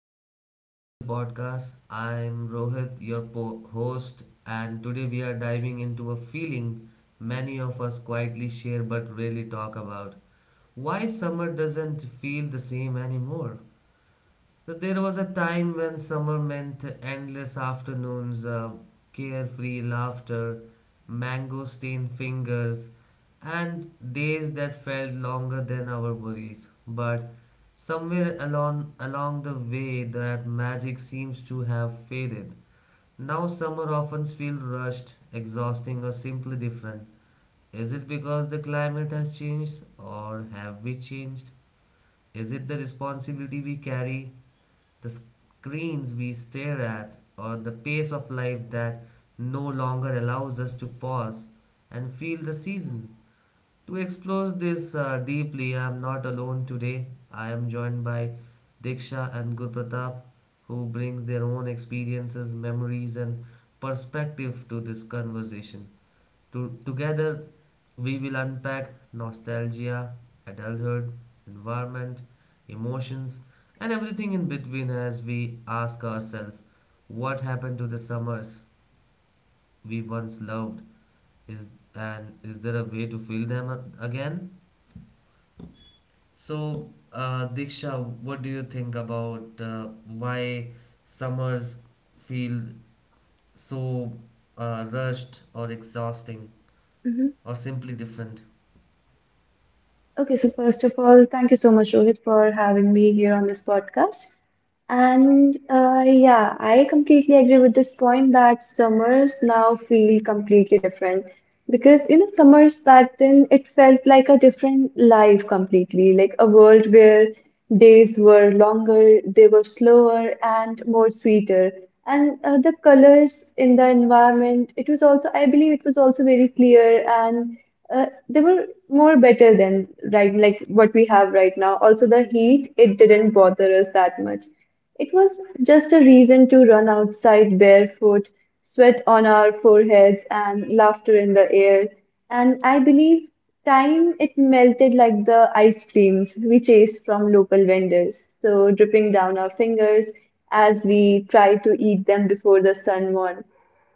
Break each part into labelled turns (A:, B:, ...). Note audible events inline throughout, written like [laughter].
A: welcome back to the podcast. I'm Rohit, your host, and today we are diving into a feeling many of us quietly share but rarely talk about. Why summer doesn't feel the same anymore? So there was a time when summer meant endless afternoons, carefree laughter, mango stained fingers, and days that felt longer than our worries. But somewhere along the way, that magic seems to have faded. Now summer often feels rushed, exhausting, or simply different. Is it because the climate has changed, or have we changed? Is it the responsibility we carry, the screens we stare at, or the pace of life that no longer allows us to pause and feel the season. To explore this deeply, I am not alone today. I am joined by Diksha and Gurpratap, who brings their own experiences, memories, and perspective to this conversation. Together, we will unpack nostalgia, adulthood, environment, emotions, and everything in between as we ask ourselves what happened to the summers we once loved? Is and is there a way to feel them again? So, Diksha, what do you think about why summers feel so rushed or exhausting
B: hmm
A: or simply different?
B: Okay, so first of all, thank you so much, Rohit, for having me here on this podcast. And yeah, I completely agree with this point that summers now feel completely different because summers back then it felt like a different life completely, like a world where days were longer, they were slower and more sweeter. And the colors in the environment, it was also, I believe it was also very clear and they were more better than right like what we have right now. Also, the heat, it didn't bother us that much. It was just a reason to run outside barefoot, sweat on our foreheads, and laughter in the air. And I believe time it melted like the ice creams we chased from local vendors, so dripping down our fingers as we tried to eat them before the sun won.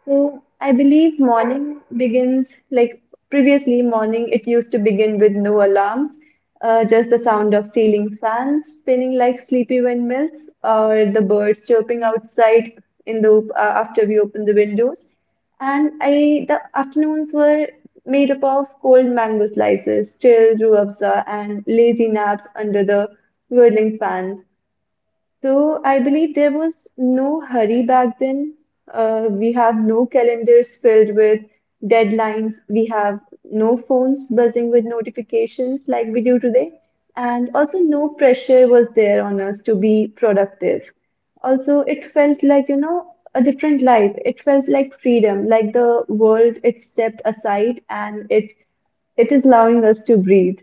B: So I believe morning begins like previously morning it used to begin with no alarms, just the sound of ceiling fans spinning like sleepy windmills or the birds chirping outside in the after we open the windows. And I the afternoons were made up of cold mango slices, chilled ruafza, and lazy naps under the whirling fans. So I believe there was no hurry back then. We have no calendars filled with deadlines. We have no phones buzzing with notifications like we do today. And also, no pressure was there on us to be productive. Also, it felt like, you know, a different life. It felt like freedom, like the world it stepped aside and it is allowing us to breathe.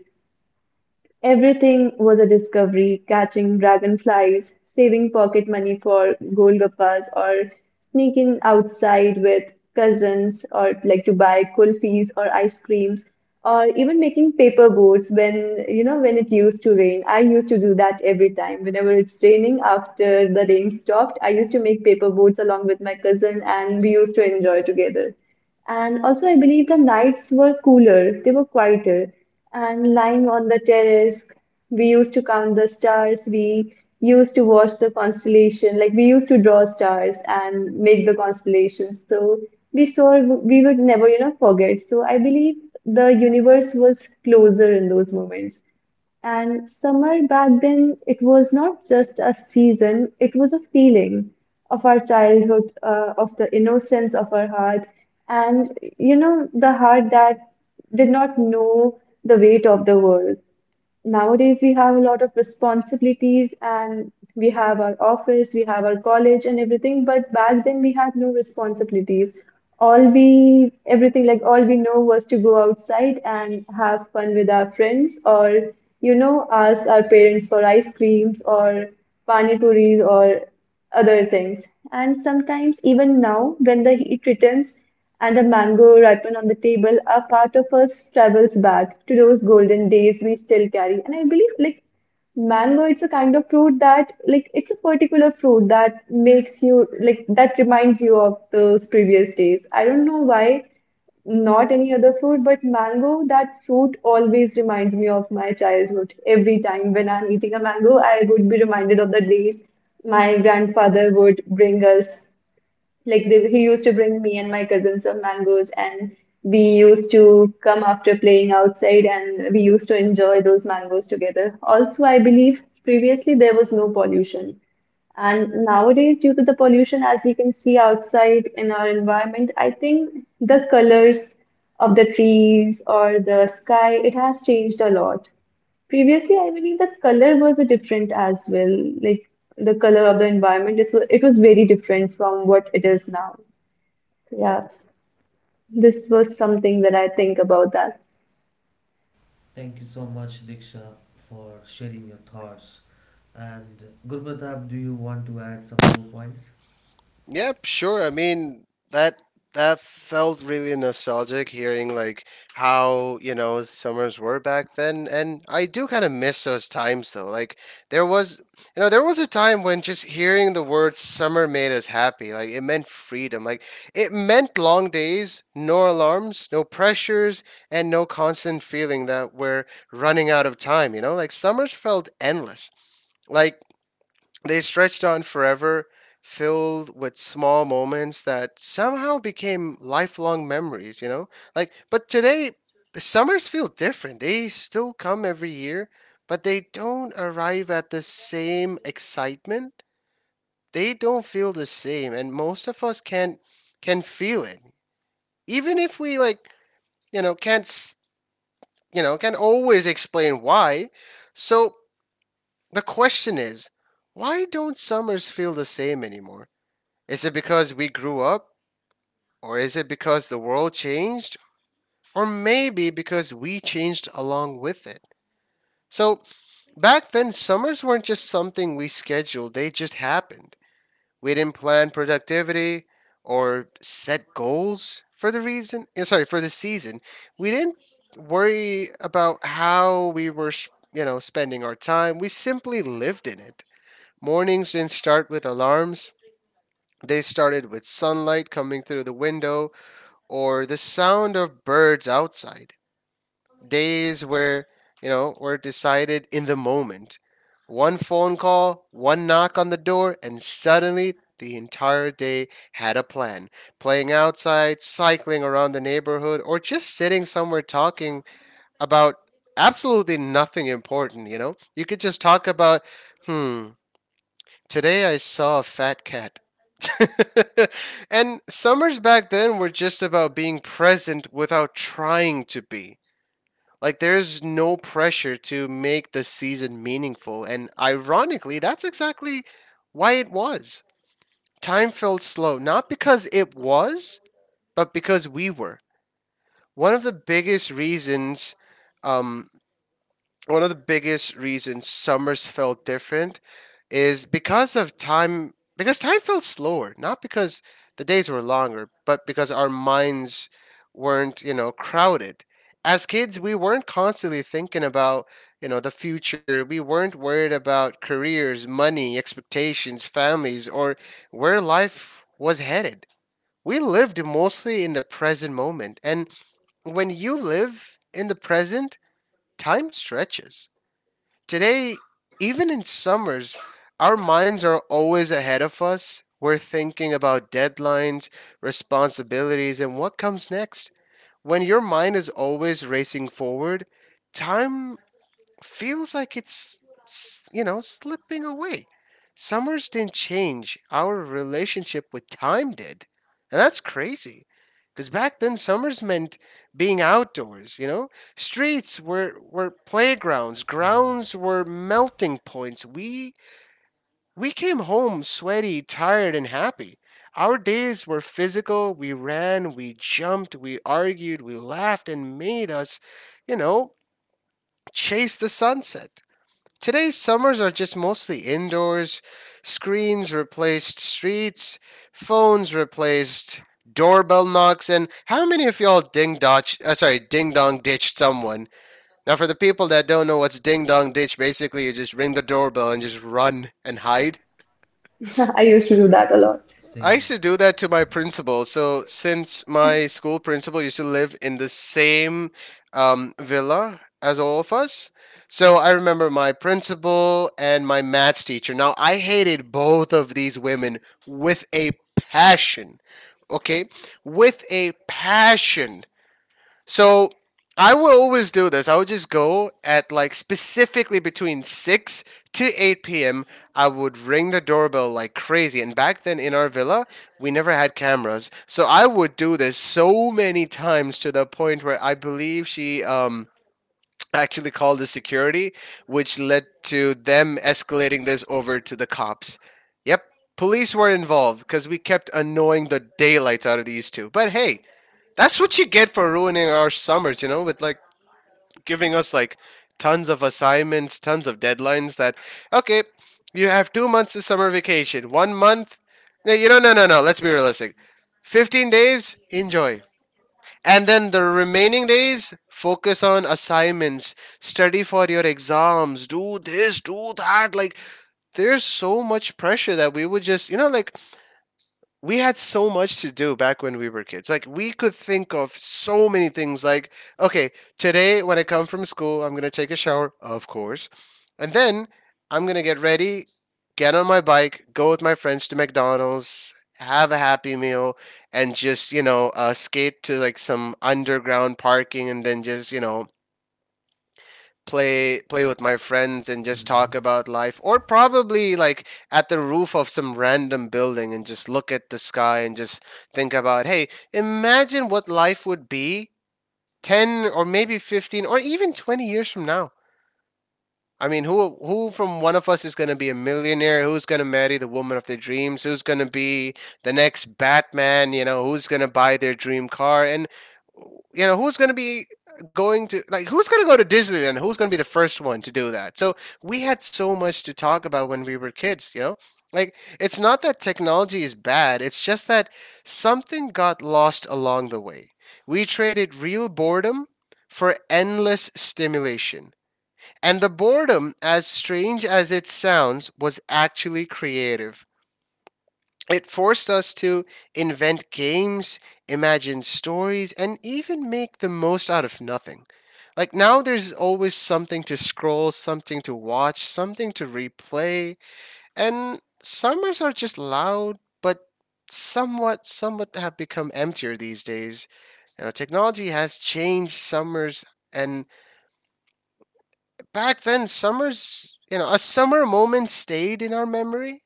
B: Everything was a discovery, catching dragonflies, saving pocket money for golgappas, or sneaking outside with cousins, or like to buy kulfis or ice creams, or even making paper boats when, you know, when it used to rain. I used to do that every time. Whenever it's raining, after the rain stopped, I used to make paper boats along with my cousin, and we used to enjoy together. And also, I believe the nights were cooler, they were quieter. And lying on the terrace, we used to count the stars, we used to watch the constellation, like we used to draw stars and make the constellations. So we saw, we would never forget. So I believe the universe was closer in those moments. And summer back then, it was not just a season, it was a feeling of our childhood, of the innocence of our heart, and you know, the heart that did not know the weight of the world. Nowadays we have a lot of responsibilities and we have our office, we have our college and everything, but back then we had no responsibilities. Everything like all we know was to go outside and have fun with our friends or, you know, ask our parents for ice creams or pani puris or other things. And sometimes, even now, when the heat returns and a mango ripen on the table, a part of us travels back to those golden days we still carry. And I believe, like, mango, it's a kind of fruit that, like, it's a particular fruit that makes you, like, that reminds you of those previous days. I don't know why not any other fruit, but mango, that fruit always reminds me of my childhood. Every time when I'm eating a mango, I would be reminded of the days my grandfather would bring us he used to bring me and my cousin some mangoes, and we used to come after playing outside, and we used to enjoy those mangoes together. Also, I believe previously there was no pollution. And nowadays, due to the pollution, as we can see outside in our environment, I think the colors of the trees or the sky, it has changed a lot. Previously, I believe the color was a different as well. Like the color of the environment is it was very different from what it is now. So yeah, this was something that I think about that.
A: Thank you so much, Diksha, for sharing your thoughts. And Gurpratap, do you want to add some more points?
C: Yep, sure. I mean, that that felt really nostalgic hearing like how, you know, summers were back then, and I do kind of miss those times though. Like there was, there was a time when just hearing the word summer made us happy. Like it meant freedom. Like it meant long days, no alarms, no pressures, and no constant feeling that we're running out of time, you know? Like summers felt endless. Like they stretched on forever, filled with small moments that somehow became lifelong memories, you know? Like, but today, the summers feel different. They still come every year, but they don't arrive at the same excitement. They don't feel the same, and most of us can feel it. Even if we like, you know, can't s- you know, can't always explain why. So the question is, why don't summers feel the same anymore? Is it because we grew up? Or is it because the world changed? Or maybe because we changed along with it? So, back then, summers weren't just something we scheduled, they just happened. We didn't plan productivity or set goals for the for the season. We didn't worry about how we were, you know, spending our time. We simply lived in it. Mornings didn't start with alarms. They started with sunlight coming through the window or the sound of birds outside. Days where, you know, were decided in the moment. One phone call, one knock on the door, and suddenly the entire day had a plan. Playing outside, cycling around the neighborhood, or just sitting somewhere talking about absolutely nothing important, you know? You could just talk about, hmm, today I saw a fat cat. [laughs] And summers back then were just about being present without trying to be. Like there's no pressure to make the season meaningful, and ironically, that's exactly why it was. Time felt slow, not because it was, but because we were. One of the biggest reasons um, One of the biggest reasons summers felt different is because of time, because time felt slower, not because the days were longer, but because our minds weren't, you know, crowded. As kids, we weren't constantly thinking about, you know, the future. We weren't worried about careers, money, expectations, families, or where life was headed. We lived mostly in the present moment, and when you live in the present, time stretches. Today, even in summers, our minds are always ahead of us. We're thinking about deadlines, responsibilities, and what comes next. When your mind is always racing forward, time feels like it's you know, slipping away. Summers didn't change. Our relationship with time did, and that's crazy. Because back then, summers meant being outdoors. You know, streets were playgrounds,
A: Right.
C: grounds were melting points. We came home sweaty, tired, and happy. Our days were physical. We ran, we jumped, we argued, we laughed, and made us, you know, chase the sunset. Today's summers are just mostly indoors. Screens replaced streets, phones replaced doorbell knocks, and how many of y'all ding dong ditched someone? Now, for the people that don't know what's ding dong ditch, basically you just ring the doorbell and just run and hide.
B: [laughs] I used to do that a lot.
C: I
A: Same.
C: used to do that to my principal. So since my school principal used to live in the same villa as all of us, so I remember my principal and my maths teacher. Now I hated both of these women with a passion. Okay, with a passion. So I will always do this. I would just go at, like, specifically between 6 to 8 p.m. I would ring the doorbell like crazy. And back then in our villa, we never had cameras. So I would do this so many times to the point where I believe she actually called the security, which led to them escalating this over to the cops. Yep, police were involved because we kept annoying the daylights out of these two. But hey, that's what you get for ruining our summers, you know, with like giving us like tons of assignments, tons of deadlines that, okay, you have 2 months of summer vacation. 1 month? No, let's be realistic. 15 days, enjoy. And then the remaining days, focus on assignments, study for your exams, do this, do that. Like, there's so much pressure that we would just, you know, like, we had so much to do back when we were kids. Like we could think of so many things like, okay, today when I come from school, I'm going to take a shower, of course. And then I'm going to get ready, get on my bike, go with my friends to McDonald's, have a happy meal, and just, you know, skate to like some underground parking, and then just, you know, play with my friends and just talk
A: Mm-hmm.
C: about life, or probably like at the roof of some random building and just look at the sky and just think about, hey, imagine what life would be 10, or maybe 15, or even 20 years from now. I mean, who from one of us is going to be a millionaire? Who's going to marry the woman of their dreams? Who's going to be the next Batman? You know, who's going to buy their dream car? And, you know, who's going to go to Disneyland? Who's going to be the first one to do that? So we had so much to talk about when we were kids. You know, like, it's not that technology is bad. It's just that something got lost along the way. We traded real boredom for endless stimulation. And the boredom, as strange as it sounds, was actually creative. It forced us to invent games, imagine stories, and even make the most out of nothing. Like now, there's always something to scroll, something to watch, something to replay, and summers are just loud, but somewhat have become emptier these days. You know, technology has changed summers, and back then, summers, you know, a summer moment stayed in our memory.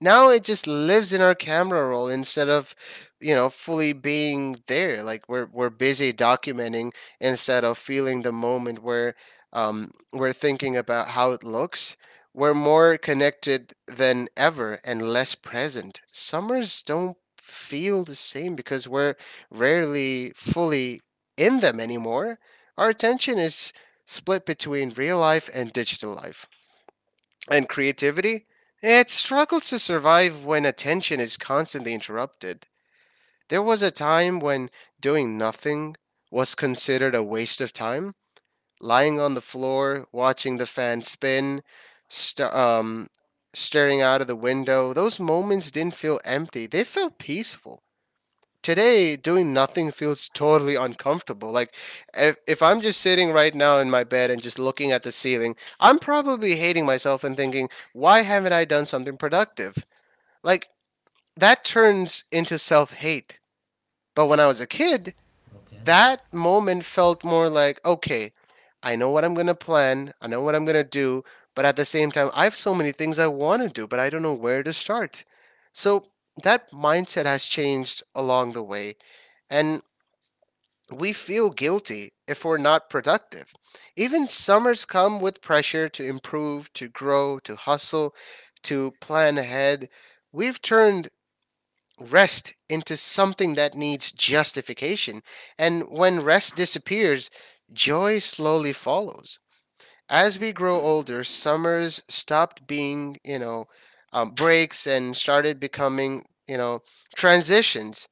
C: Now it just lives in our camera roll, instead of, you know, fully being there. Like we're busy documenting instead of feeling the moment, where we're thinking about how it looks. We're more connected than ever, and less present. Summers don't feel the same because we're rarely fully in them anymore. Our attention is split between real life and digital life. And creativity? It struggles to survive when attention is constantly interrupted. There was a time when doing nothing was considered a waste of time. Lying on the floor, watching the fan spin, st- um, staring out of the window, those moments didn't feel empty, they felt peaceful. Today, doing nothing feels totally uncomfortable. Like if I'm just sitting right now in my bed and just looking at the ceiling, I'm probably hating myself and thinking, why haven't I done something productive? Like that turns into self-hate. But when I was a kid,
A: Okay.
C: that moment felt more like, okay, I know what I'm going to plan, I know what I'm going to do, but at the same time, I have so many things I want to do, but I don't know where to start. So that mindset has changed along the way, and we feel guilty if we're not productive. Even summers come with pressure to improve, to grow, to hustle, to plan ahead. We've turned rest into something that needs justification. And when rest disappears, joy slowly follows. As we grow older, summers stopped being, you know, breaks, and started becoming, you know, transitions.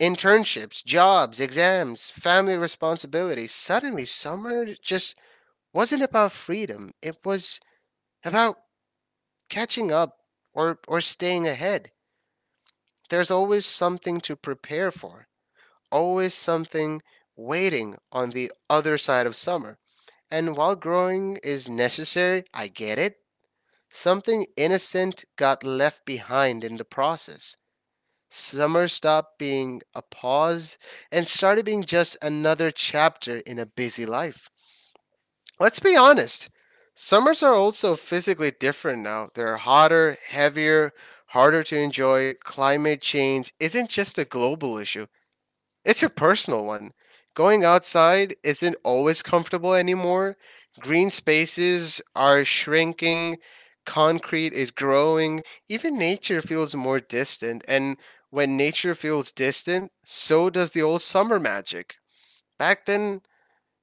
C: Internships, jobs, exams, family responsibilities. Suddenly, summer just wasn't about freedom. It was about catching up, or staying ahead. There's always something to prepare for, always something waiting on the other side of summer. And while growing is necessary, I get it, something innocent got left behind in the process. Summer stopped being a pause and started being just another chapter in a busy life. Let's be honest, summers are also physically different now. They're hotter, heavier, harder to enjoy. Climate change isn't just a global issue, it's a personal one. Going outside isn't always comfortable anymore. Green spaces are shrinking, concrete is growing, even nature feels more distant. And when nature feels distant, so does the old summer magic. Back then,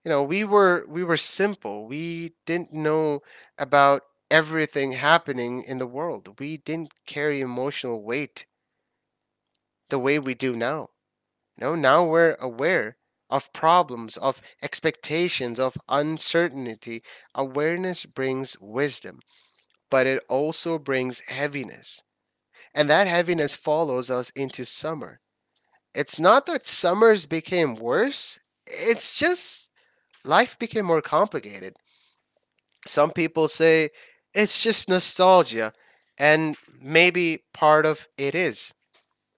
C: you know, we were simple. We didn't know about everything happening in the world. We didn't carry emotional weight the way we do now. You know, now we're aware of problems, of expectations, of uncertainty. Awareness brings wisdom, but it also brings heaviness. And that heaviness follows us into summer. It's not that summers became worse, it's just life became more complicated. Some people say it's just nostalgia, and maybe part of it is.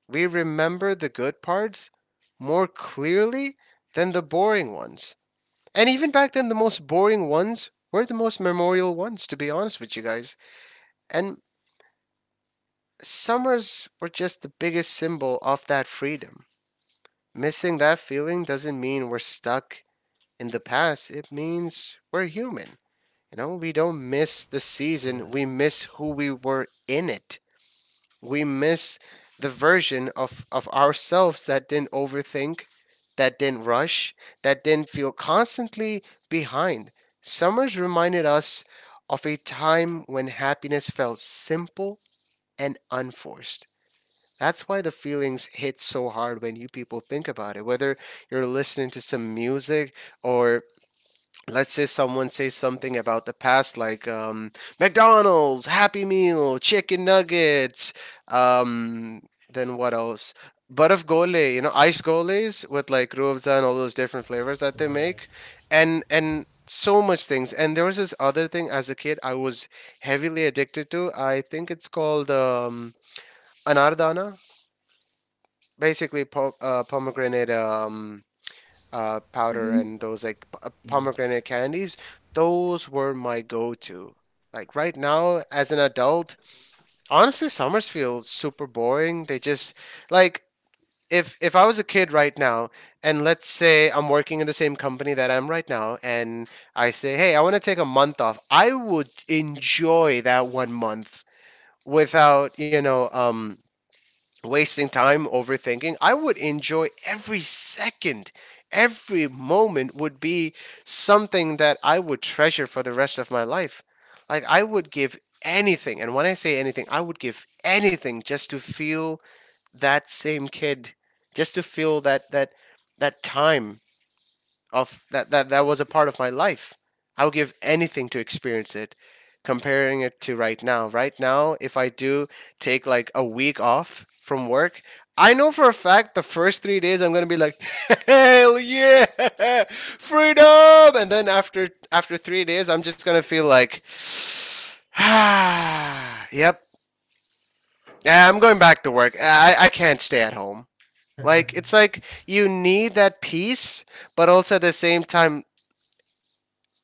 C: We remember the good parts more clearly than the boring ones. And even back then, the most boring ones were the most memorial ones, to be honest with you guys. And summers were just the biggest symbol of that freedom. Missing that feeling doesn't mean we're stuck in the past, it means we're human. You know, we don't miss the season,
A: Right,
C: we miss who we were in it. We miss the version of ourselves that didn't overthink, that didn't rush, that didn't feel constantly behind. Summers reminded us of a time when happiness felt simple and unforced. That's why the feelings hit so hard when you people think about it. Whether you're listening to some music or let's say someone says something about the past like McDonald's happy meal chicken nuggets, um, then what else, barf gole, you know, ice goles with like ruafza and all those different flavors that they
A: right,
C: make. And so much things. And there was this other thing as a kid I was heavily addicted to. I think it's called anardana, basically pomegranate powder,
B: Hmm.
C: and those like
A: yes.
C: pomegranate candies. Those were my go-to. Like right now, as an adult, honestly, summers feel super boring. They just, like, if I was a kid right now, and let's say I'm working in the same company that I'm right now, and I say, hey, I want to take a month off, I would enjoy that one month without wasting time overthinking. I would enjoy every second. Every moment would be something that I would treasure for the rest of my life. Like, I would give anything, and when I say anything, I would give anything just to feel that same kid, just to feel that time of that was a part of my life. I would give anything to experience it. Comparing it to right now, right now, if I do take like a week off from work, I know for a fact the first three days I'm gonna be like, [laughs] hell yeah, freedom, and then after three days I'm just gonna feel like, ah, yep, yeah, I'm going back to work. I can't stay at home. Like, it's like you need that peace, but also at the same time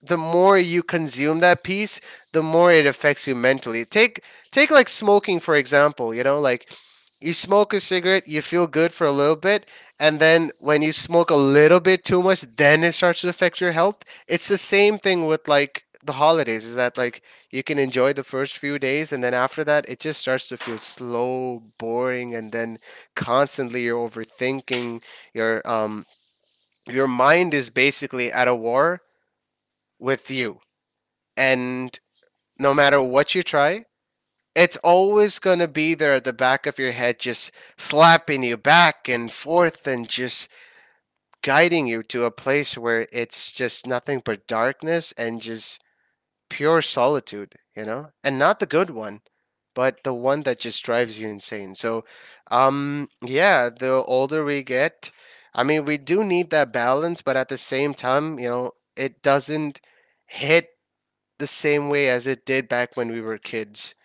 C: the more you consume that piece, the more it affects you mentally. Take like smoking, for example. You know, like you smoke a cigarette, you feel good for a little bit, and then when you smoke a little bit too much, then it starts to affect your health. It's the same thing with like the holidays, is that like you can enjoy the first few days, and then after that it just starts to feel slow, boring, and then constantly you're overthinking your um your mind is basically at a war with you, and no matter what you try, it's always going to be there at the back of your head, just slapping you back and forth and just guiding you to a place where it's just nothing but darkness and just pure solitude, you know? And not the good one, but the one that just drives you insane. So, yeah, the older we get, I mean, we do need that balance, but at the same time, you know, it doesn't hit the same way as it did back when we were kids.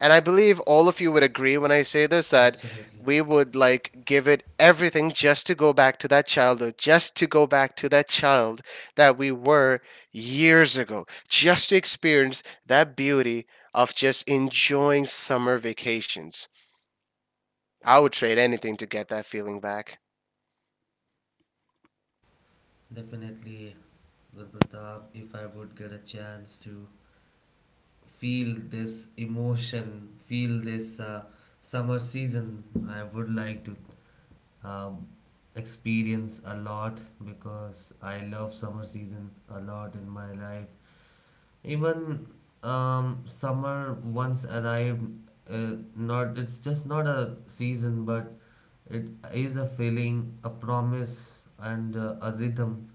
C: And I believe all of you would agree when I say this, that
A: Absolutely.
C: we would like give it everything just to go back to that childhood, just to go back to that child that we were years ago, just to experience that beauty of just enjoying summer vacations. I would trade anything to get that feeling back.
A: Definitely, Gurpratap, if I would get a chance to feel this emotion, feel this summer season, I would like to um, experience a lot because I love summer season a lot in my life. Even summer once arrived, not it's just not a season, but it is a feeling, a promise, and a rhythm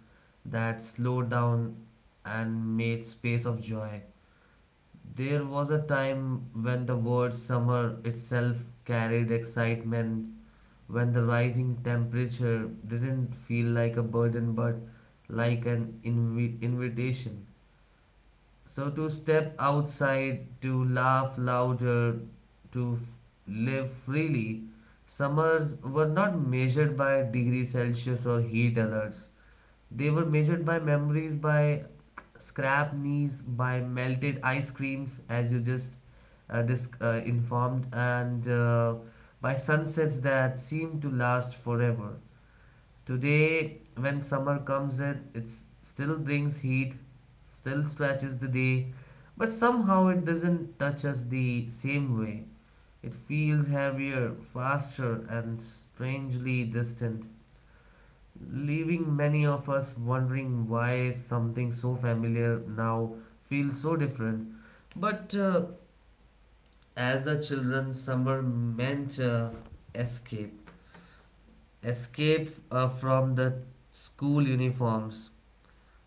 A: that slowed down and made space of joy. There was a time when the word summer itself carried excitement, when the rising temperature didn't feel like a burden but like an invitation. So to step outside, to laugh louder, to live freely, summers were not measured by degrees Celsius or heat alerts. They were measured by memories, by scrap knees, by melted ice creams, as you just informed, and by sunsets that seemed to last forever. Today, when summer comes in, it still brings heat, still stretches the day, but somehow it doesn't touch us the same way. It feels heavier, faster, and strangely distant, leaving many of us wondering why something so familiar now feels so different. But as a children, summer meant escape, escape from the school uniforms,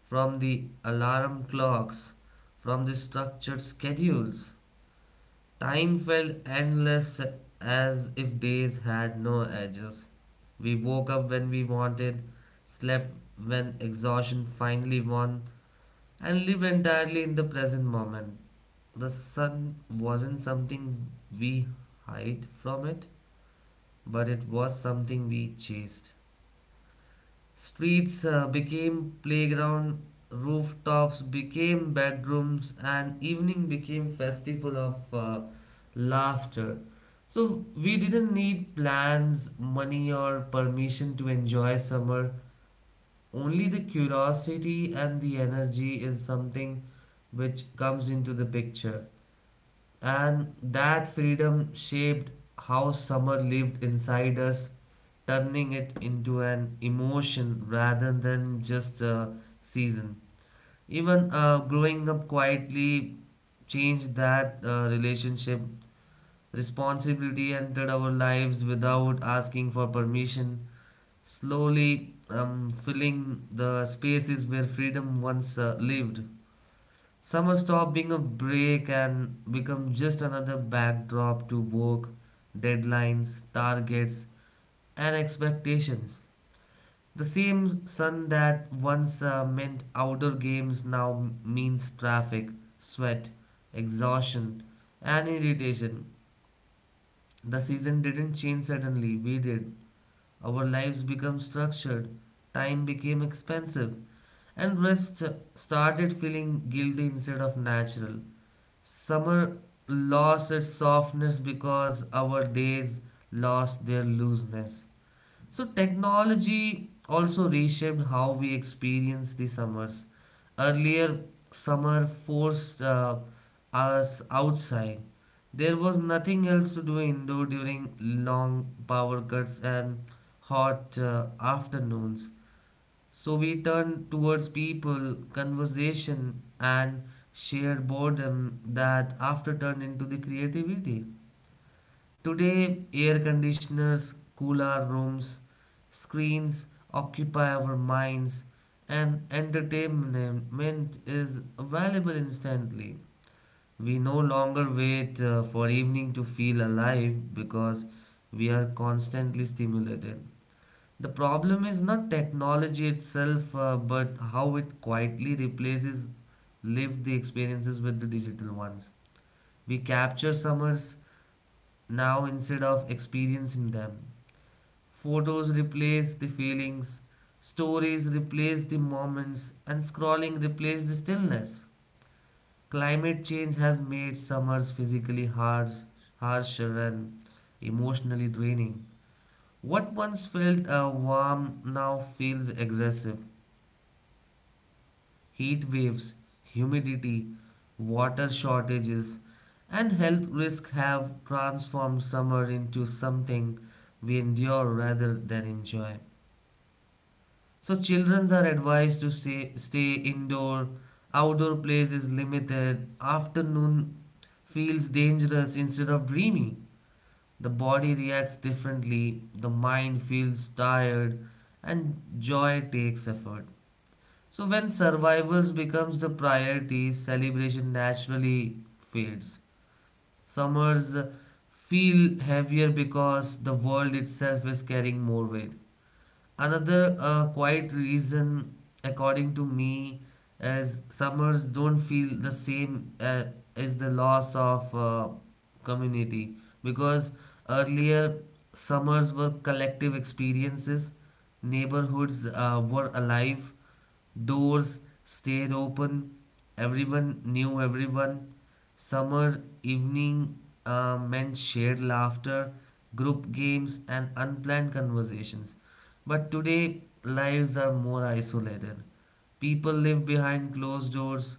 A: from the alarm clocks, from the structured schedules. Time felt endless as if days had no edges. We woke up when we wanted, slept when exhaustion finally won, and lived entirely in the present moment. The sun wasn't something we hid from it, but it was something we chased. Streets became playground, rooftops became bedrooms, and evening became festival of laughter. So we didn't need plans, money, or permission to enjoy summer. Only the curiosity and the energy is something which comes into the picture. And that freedom shaped how summer lived inside us, turning it into an emotion rather than just a season. Even growing up quietly changed that relationship. Responsibility entered our lives without asking for permission, slowly filling the spaces where freedom once lived. Summer stopped being a break and become just another backdrop to work, deadlines, targets, and expectations. The same sun that once meant outdoor games now means traffic, sweat, exhaustion, and irritation. The season didn't change suddenly, we did. Our lives became structured, time became expensive, and rest started feeling guilty instead of natural. Summer lost its softness because our days lost their looseness. So, technology also reshaped how we experience the summers. Earlier, summer forced us outside. There was nothing else to do indoor during long power cuts and hot afternoons. So we turn towards people, conversation, and shared boredom that after turn into the creativity. Today, air conditioners, cooler rooms, screens occupy our minds, and entertainment is available instantly. We no longer wait for evening to feel alive because we are constantly stimulated. The problem is not technology itself, but how it quietly replaces lived experiences with the digital ones. We capture summers now instead of experiencing them. Photos replace the feelings, stories replace the moments, and scrolling replace the stillness. Climate change has made summers physically harsh, harsher and emotionally draining. What once felt warm now feels aggressive. Heat waves, humidity, water shortages, and health risks have transformed summer into something we endure rather than enjoy. So, children are advised to say, stay indoor, outdoor place is limited, afternoon feels dangerous instead of dreamy. The body reacts differently, the mind feels tired, and joy takes effort. So when survival becomes the priority, celebration naturally fades. Summers feel heavier because the world itself is carrying more weight. Another quiet reason, according to me, is summers don't feel the same is the loss of community because earlier summers were collective experiences, neighborhoods were alive, doors stayed open, everyone knew everyone. Summer evening meant shared laughter, group games, and unplanned conversations. But today, lives are more isolated. People live behind closed doors,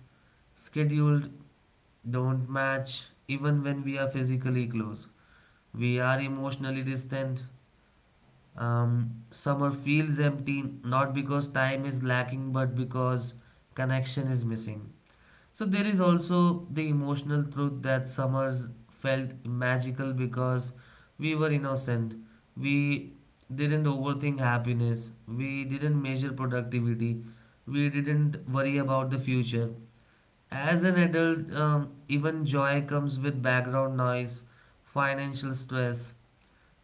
A: scheduled don't match even when we are physically close. We are emotionally distant. Summer feels empty not because time is lacking but because connection is missing. So there is also the emotional truth that summers felt magical because we were innocent. We didn't overthink happiness. We didn't measure productivity. We didn't worry about the future. As an adult, even joy comes with background noise, financial stress,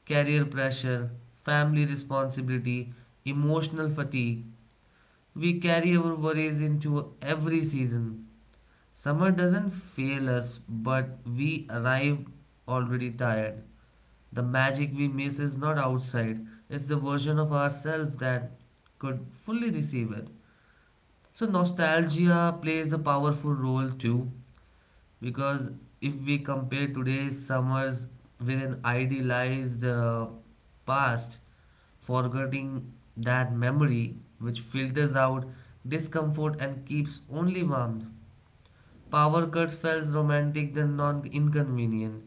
A: career pressure, family responsibility, emotional fatigue. We carry our worries into every season. Summer doesn't fail us, but we arrive already tired. The magic we miss is not outside, it's the version of ourselves that could fully receive it. So, nostalgia plays a powerful role too, because if we compare today's summers with an idealized past, forgetting that memory which filters out discomfort and keeps only warmth. Power cut felt romantic than non inconvenient.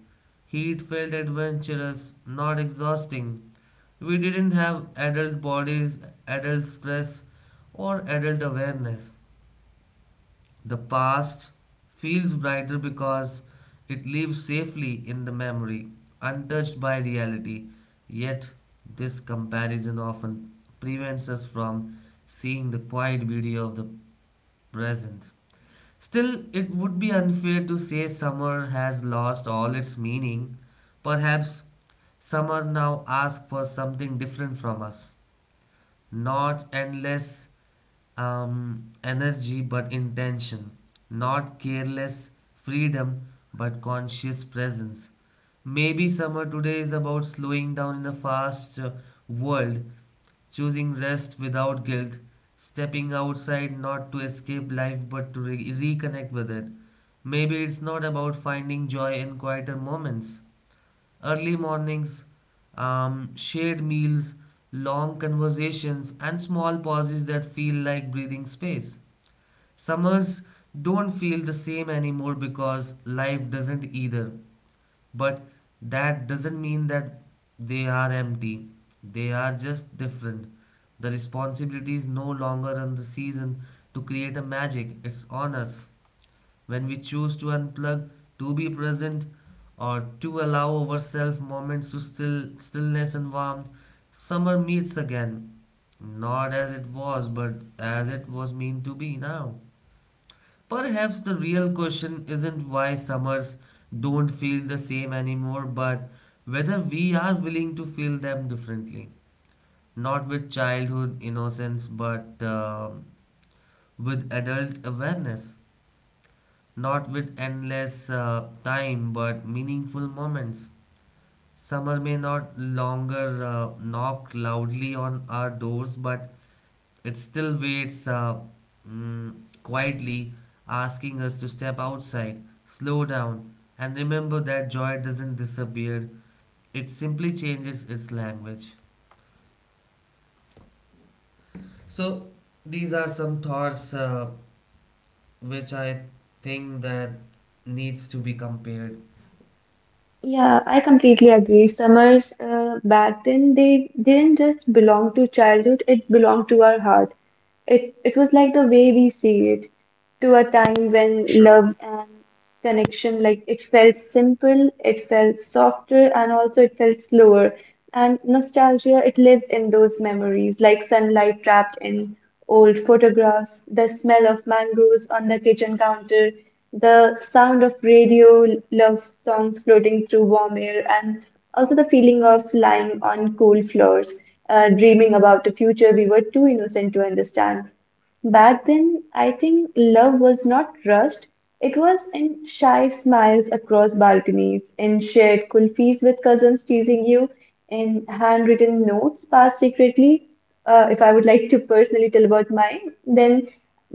A: Heat felt adventurous, not exhausting. We didn't have adult bodies, adult stress, or adult awareness. The past feels brighter because it lives safely in the memory, untouched by reality. Yet, this comparison often prevents us from seeing the quiet beauty of the present. Still, it would be unfair to say summer has lost all its meaning. Perhaps summer now asks for something different from us. Not endless energy, but intention. Not careless freedom, but conscious presence. Maybe summer today is about slowing down in a fast world, choosing rest without guilt, stepping outside not to escape life but to reconnect with it. Maybe it's not about finding joy in quieter moments. Early mornings, shared meals, long conversations, and small pauses that feel like breathing space. Summers don't feel the same anymore because life doesn't either. But that doesn't mean that they are empty. They are just different. The responsibility is no longer on the season to create a magic, it's on us. When we choose to unplug, to be present, or to allow ourselves moments to still stillness and warmth, summer meets again. Not as it was, but as it was meant to be now. Perhaps the real question isn't why summers don't feel the same anymore, but whether we are willing to feel them differently. Not with childhood innocence, but with adult awareness. Not with endless time, but meaningful moments. Summer may not longer knock loudly on our doors, but it still waits mm, quietly, asking us to step outside, slow down, and remember that joy doesn't disappear. It simply changes its language. So these are some thoughts which I think that needs to be compared.
B: Yeah, I completely agree. Summers back then they didn't just belong to childhood, it belonged to our heart. It was like the way we see it, to a time when
C: True.
B: love and connection, like it felt simple, it felt softer, and also it felt slower. And nostalgia, it lives in those memories, like sunlight trapped in old photographs, the smell of mangoes on the kitchen counter. The sound of radio, love songs floating through warm air, and also the feeling of lying on cool floors, dreaming about a future we were too innocent to understand. Back then, I think love was not rushed. It was in shy smiles across balconies, in shared kulfis with cousins teasing you, in handwritten notes passed secretly. If I would like to personally tell about mine, then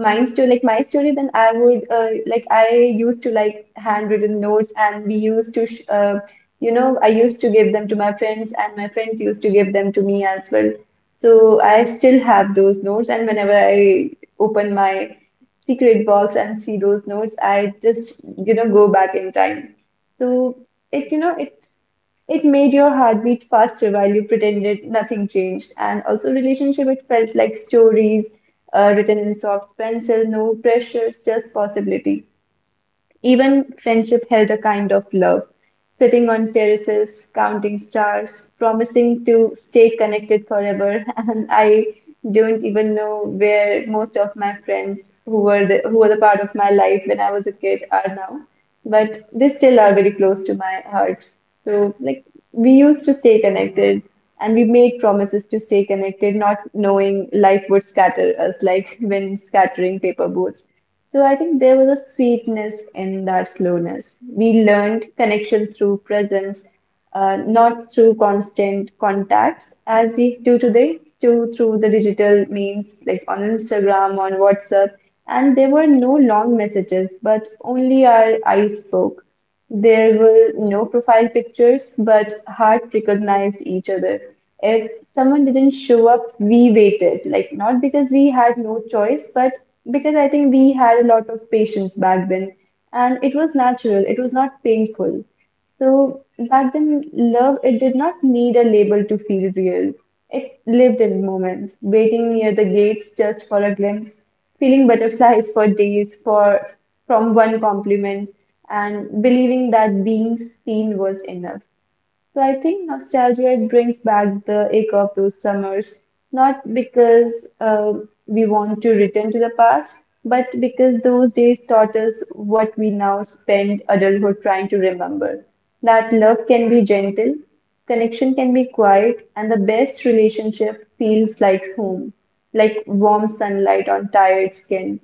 B: mine story like my story, then I would like I used to like handwritten notes, and we used to sh I used to give them to my friends and my friends used to give them to me as well, so I still have those notes, and whenever I open my secret box and see those notes, I just go back in time. So it you know it it made your heart beat faster while you pretended nothing changed. And also relationship, it felt like stories written in soft pencil, no pressures, just possibility. Even friendship held a kind of love. Sitting on terraces, counting stars, promising to stay connected forever. [laughs] And I don't even know where most of my friends who were the part of my life when I was a kid are now, but they still are very close to my heart. So, like, we used to stay connected, and we made promises to stay connected, not knowing life would scatter us like [laughs] when scattering paper boats. So, I think there was a sweetness in that slowness. We learned connection through presence, not through constant contacts as we do today, to through the digital means like on Instagram, on WhatsApp, and there were no long messages, but only our eyes spoke. There were no profile pictures, but heart recognized each other. If someone didn't show up, we waited, like not because we had no choice, but because I think we had a lot of patience back then, and it was natural, it was not painful. So back then, love, it did not need a label to feel real. It lived in moments, waiting near the gates just for a glimpse, feeling butterflies for days for from one compliment, and believing that being seen was enough. So I think nostalgia it brings back the ache of those summers, not because we want to return to the past, but because those days taught us what we now spend adulthood trying to remember. That love can be gentle, connection can be quiet, and the best relationship feels like home, like warm sunlight on tired skin.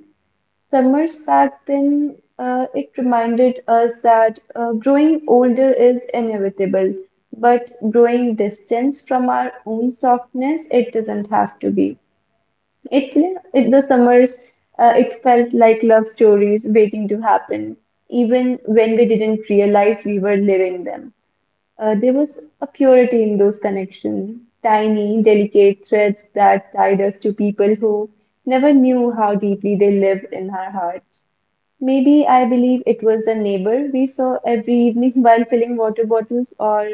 B: Summers back then, it reminded us that growing older is inevitable, but growing distance from our own softness, it doesn't have to be. It, it the summers, it felt like love stories waiting to happen, even when we didn't realize we were living them. There was a purity in those connections, tiny, delicate threads that tied us to people who never knew how deeply they lived in our hearts. Maybe I believe it was the neighbor we saw every evening [laughs] while filling water bottles, or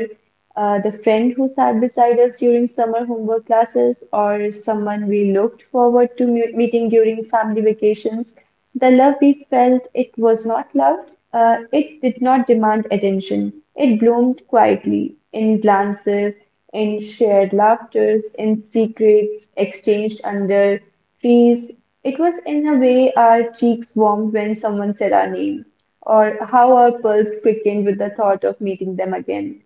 B: the friend who sat beside us during summer homework classes, or someone we looked forward to meeting during family vacations. The love we felt it was not loud, it did not demand attention. It bloomed quietly in glances, in shared laughters, in secrets exchanged under trees. It was in a way our cheeks warmed when someone said our name, or how our pulse quickened with the thought of meeting them again.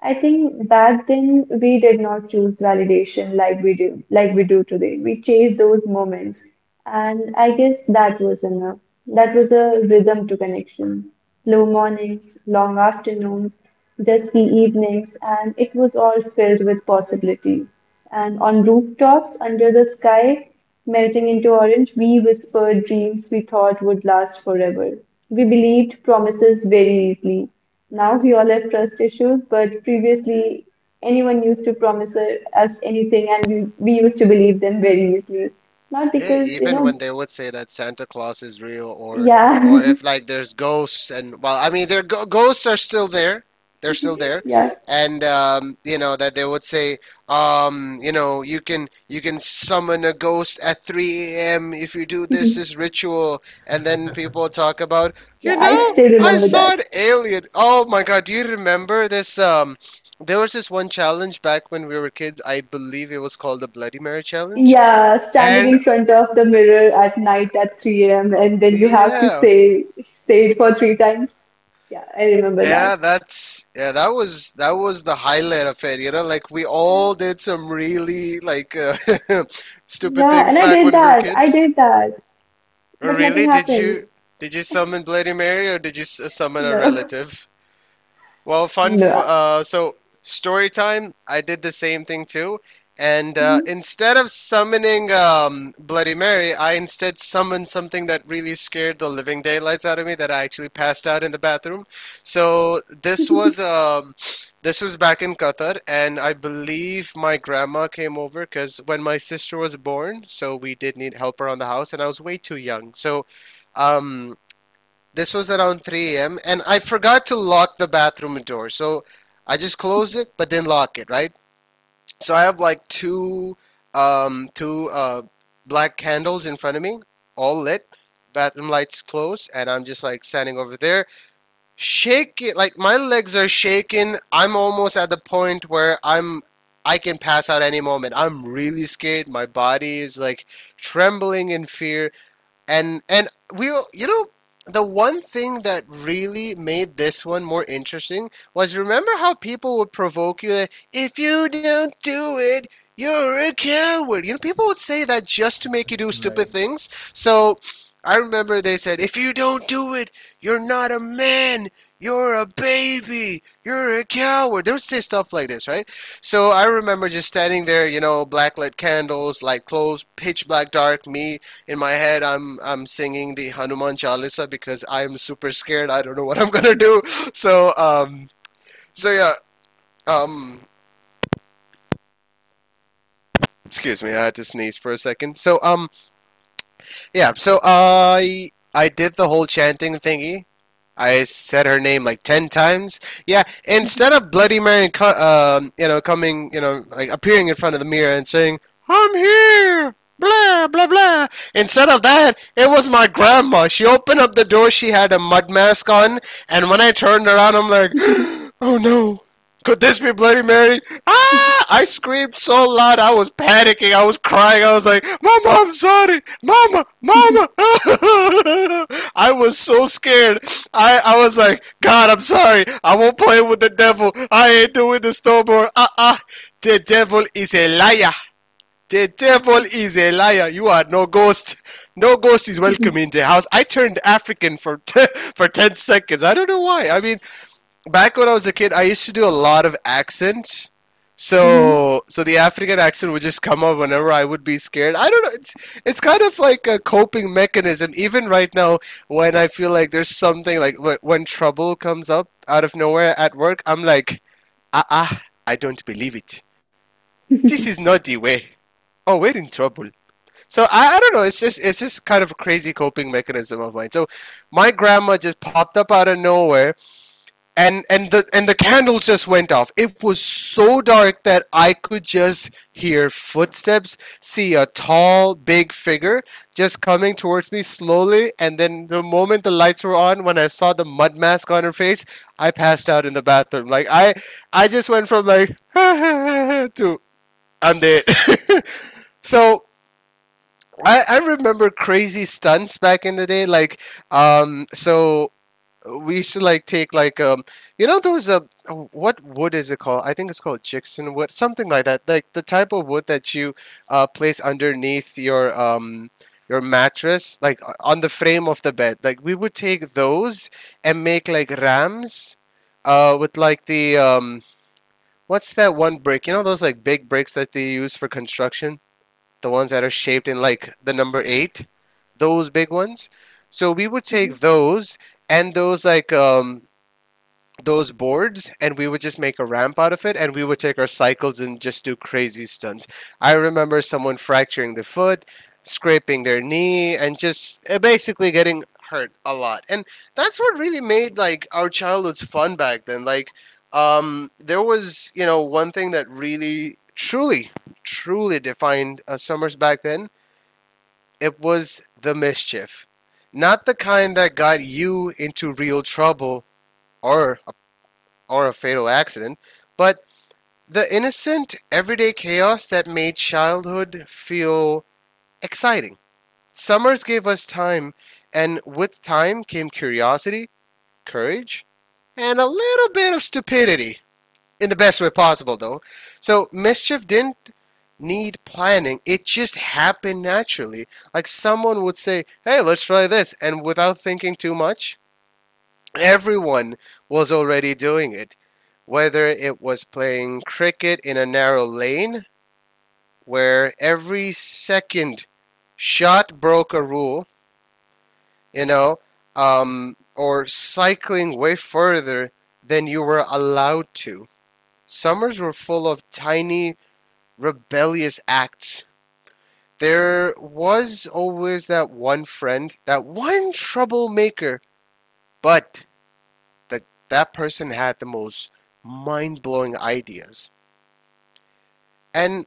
B: I think back then we did not choose validation like we do today. We chased those moments, and I guess that was enough. That was a rhythm to connection. Slow mornings, long afternoons, dusky evenings, and it was all filled with possibility. And on rooftops, under the sky, melting into orange, we whispered dreams we thought would last forever. We believed promises very easily. Now we all have trust issues, but previously anyone used to promise us anything and we used to believe them very easily. Not
C: Yeah,
B: because,
C: even when they would say that Santa Claus is real, or
B: yeah,
C: if like there's ghosts, and, well, I mean, their ghosts are still there. They're still there,
B: [laughs] yeah,
C: and you know that they would say, you know, you can summon a ghost at 3 a.m. if you do this
B: [laughs]
C: ritual, and then people talk about,
B: yeah,
C: you
B: I
C: know,
B: still
C: I
B: remember
C: saw
B: that.
C: an alien. Oh my God, do you remember this? There was this one challenge back when we were kids. I believe it was called the Bloody Mary challenge,
B: Yeah, standing
C: and
B: in front of the mirror at night at 3 a.m. and then you have to
C: yeah.
B: say it for three times. Yeah, I remember
C: Yeah,
B: that.
C: that was the highlight of it. You know, like we all did some really like [laughs] stupid
B: Yeah, and
C: things
B: I
C: back
B: did
C: when we were
B: that. I
C: kids.
B: did that.
C: Or
B: But nothing
C: really, did
B: happened.
C: you did you summon Bloody Mary or did you summon a
B: No. [laughs]
C: relative? Well, fun.
B: No.
C: So story time. I did the same thing too, and
B: Hmm.
C: instead of summoning Bloody Mary, I instead summoned something that really scared the living daylights out of me. That I actually passed out in the bathroom. So this was back in Qatar, and I believe my grandma came over because when my sister was born, so we did need help around the house, and I was way too young. So um this was around 3 a.m. and I forgot to lock the bathroom door. So I just closed it but didn't lock it, right? So I have like two black candles in front of me, all lit. Bathroom lights closed and I'm just like standing over there, shaking, like my legs are shaking. I'm almost at the point where I can pass out any moment. I'm really scared. My body is like trembling in fear, and we, you know, the one thing that really made this one more interesting was, remember how people would provoke you that if you don't do it you're a coward? You know, people would say that just to make you do stupid
A: Right.
C: things. So I remember they said if you don't do it, you're not a man, you're a baby, you're a coward. They would say stuff like this, right? So I remember just standing there, you know, black lit candles, light clothes, pitch black dark, me, in my head, I'm singing the Hanuman Chalisa because I'm super scared. I don't know what I'm gonna do. [laughs] so um so yeah, um excuse me, I had to sneeze for a second. So yeah, so I did the whole chanting thingy. I said her name like ten times. Yeah, instead of Bloody Mary, you know, coming, you know, like appearing in front of the mirror and saying, "I'm here," blah blah blah. Instead of that, it was my grandma. She opened up the door. She had a mud mask on, and when I turned around, I'm like, [gasps] "Oh no, could this be Bloody Mary? Ah!" I screamed so loud, I was panicking, I was crying, I was like, "Mama, I'm sorry! Mama! Mama!" [laughs] I was so scared. I was like, God, I'm sorry. I won't play with the devil. I ain't doing this no more. The devil is a liar. The devil is a liar. You are no ghost. No ghost is welcome in the house. I turned African for [laughs] for ten seconds. I don't know why. I mean, back when I was a kid, I used to do a lot of accents.
B: Hmm.
C: So the African accent would just come up whenever I would be scared. I don't know. It's kind of like a coping mechanism. Even right now, when I feel like there's something, like when trouble comes up out of nowhere at work, I'm like, ah ah, I don't believe it. This is not the way. Oh, we're in trouble. So I don't know. It's just kind of a crazy coping mechanism of mine. So my grandma just popped up out of nowhere, and the candles just went off. It was so dark that I could just hear footsteps, see a tall big figure just coming towards me slowly. And then the moment the lights were on, when I saw the mud mask on her face, I passed out in the bathroom. Like I just went from like [laughs] to I'm dead [laughs] so I remember crazy stunts back in the day, like so we should like take like you know those oh, what wood is it called? I think it's called jixon wood, something like that. Like the type of wood that you place underneath your mattress, like on the frame of the bed. Like we would take those and make like rams with like the what's that one brick? You know those like big bricks that they use for construction, the ones that are shaped in like the number 8, those big ones. So we would take those, and those boards, and we would just make a ramp out of it, and we would take our cycles and just do crazy stunts. I remember someone fracturing their foot, scraping their knee, and just basically getting hurt a lot. And that's what really made like our childhoods fun back then. Like there was, you know, one thing that really truly defined summers back then. It was the mischief. Not the kind that got you into real trouble, or or a fatal accident, but the innocent, everyday chaos that made childhood feel exciting. Summers gave us time, and with time came curiosity, courage, and a little bit of stupidity, in the best way possible, though. So mischief didn't need planning, it just happened naturally. Like someone would say, "Hey, let's try this," and without thinking too much, everyone was already doing it, whether it was playing cricket in a narrow lane where every second shot broke a rule, you know, or cycling way further than you were allowed to. Summers were full of tiny, rebellious acts. There was always that one friend, that one troublemaker, but that that person had the most mind blowing ideas. And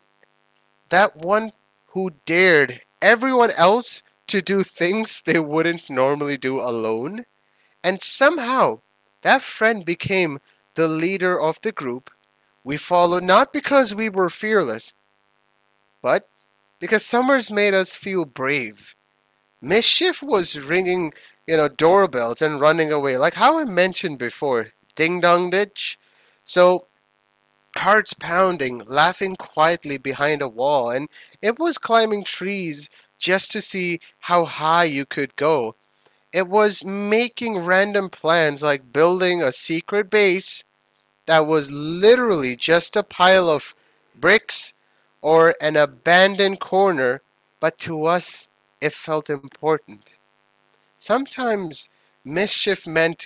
C: that one who dared everyone else to do things they wouldn't normally do alone. And somehow, that friend became the leader of the group we followed, not because we were fearless, but because summers made us feel brave. Mischief was ringing, you know, doorbells and running away. Like how I mentioned before, ding dong ditch. So hearts pounding, laughing quietly behind a wall, and it was climbing trees just to see how high you could go. It was making random plans, like building a secret base that was literally just a pile of bricks or an abandoned corner, but to us, it felt important. Sometimes mischief meant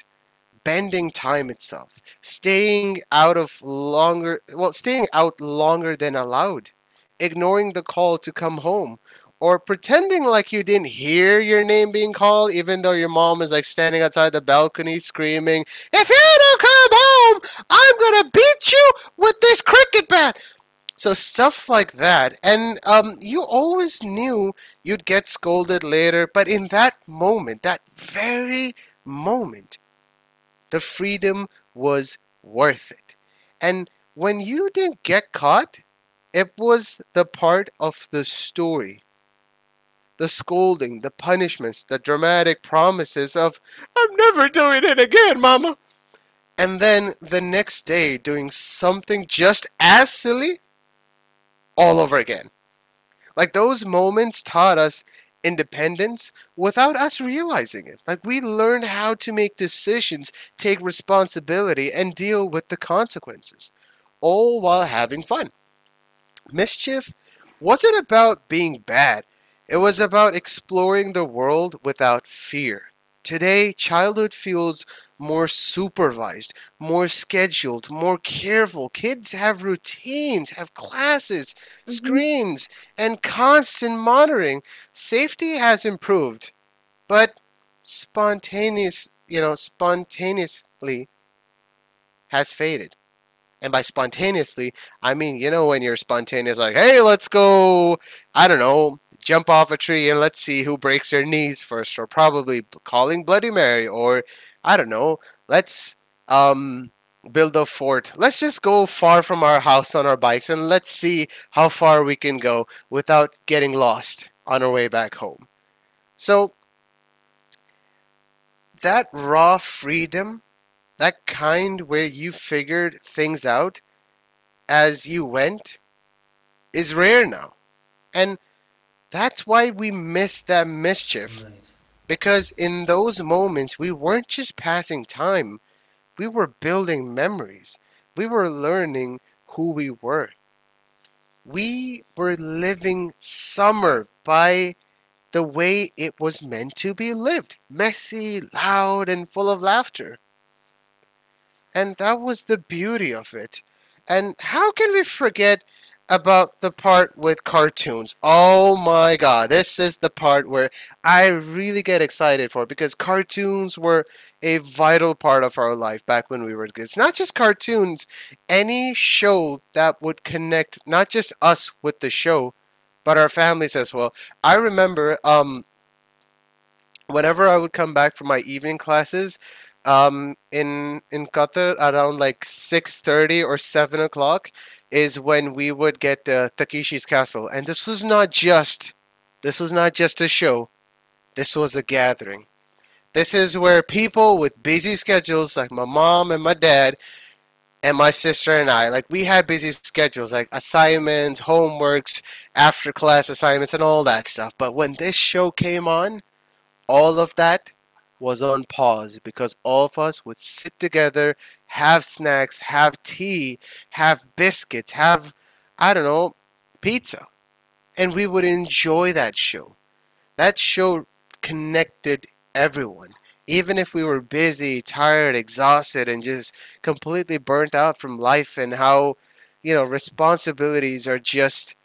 C: bending time itself, staying out longer than allowed, ignoring the call to come home, or pretending like you didn't hear your name being called, even though your mom is like standing outside the balcony screaming, "If you don't come home, I'm gonna beat you with this cricket bat." So stuff like that. And you always knew you'd get scolded later, but in that moment, that very moment, the freedom was worth it. And when you didn't get caught, it was the part of the story. The scolding, the punishments, the dramatic promises of, "I'm never doing it again, mama." And then the next day doing something just as silly all over again. Like, those moments taught us independence without us realizing it. Like, we learned how to make decisions, take responsibility, and deal with the consequences, all while having fun. Mischief wasn't about being bad, it was about exploring the world without fear. Today, childhood feels more supervised, more scheduled, more careful. Kids have routines, have classes, screens, and constant monitoring. Safety has improved, but spontaneous, you know, spontaneously has faded. And by spontaneously, I mean, you know, when you're spontaneous, like, "Hey, let's go, I don't know, jump off a tree and let's see who breaks their knees first," or probably calling Bloody Mary, or I don't know, let's um, build a fort. Let's just go far from our house on our bikes and let's see how far we can go without getting lost on our way back home. So that raw freedom, that kind where you figured things out as you went, is rare now. And that's why we miss that mischief. Because in those moments, we weren't just passing time, we were building memories. We were learning who we were. We were living summer by the way it was meant to be lived, messy, loud, and full of laughter. And that was the beauty of it. And how can we forget about the part with cartoons? Oh my god, this is the part where I really get excited for, because cartoons were a vital part of our life back when we were kids. Not just cartoons, any show that would connect not just us with the show, but our families as well. I remember whenever I would come back from my evening classes, in Qatar around like six thirty or seven o'clock is when we would get Takeshi's Castle, and this was not just a show. This was a gathering. This is where people with busy schedules, like my mom and my dad and my sister and I, like we had busy schedules, like assignments, homeworks, after class assignments, and all that stuff. But when this show came on, all of that was on pause, because all of us would sit together, have snacks, have tea, have biscuits, have, I don't know, pizza. And we would enjoy that show. That show connected everyone. Even if we were busy, tired, exhausted, and just completely burnt out from life, and how, you know, responsibilities are just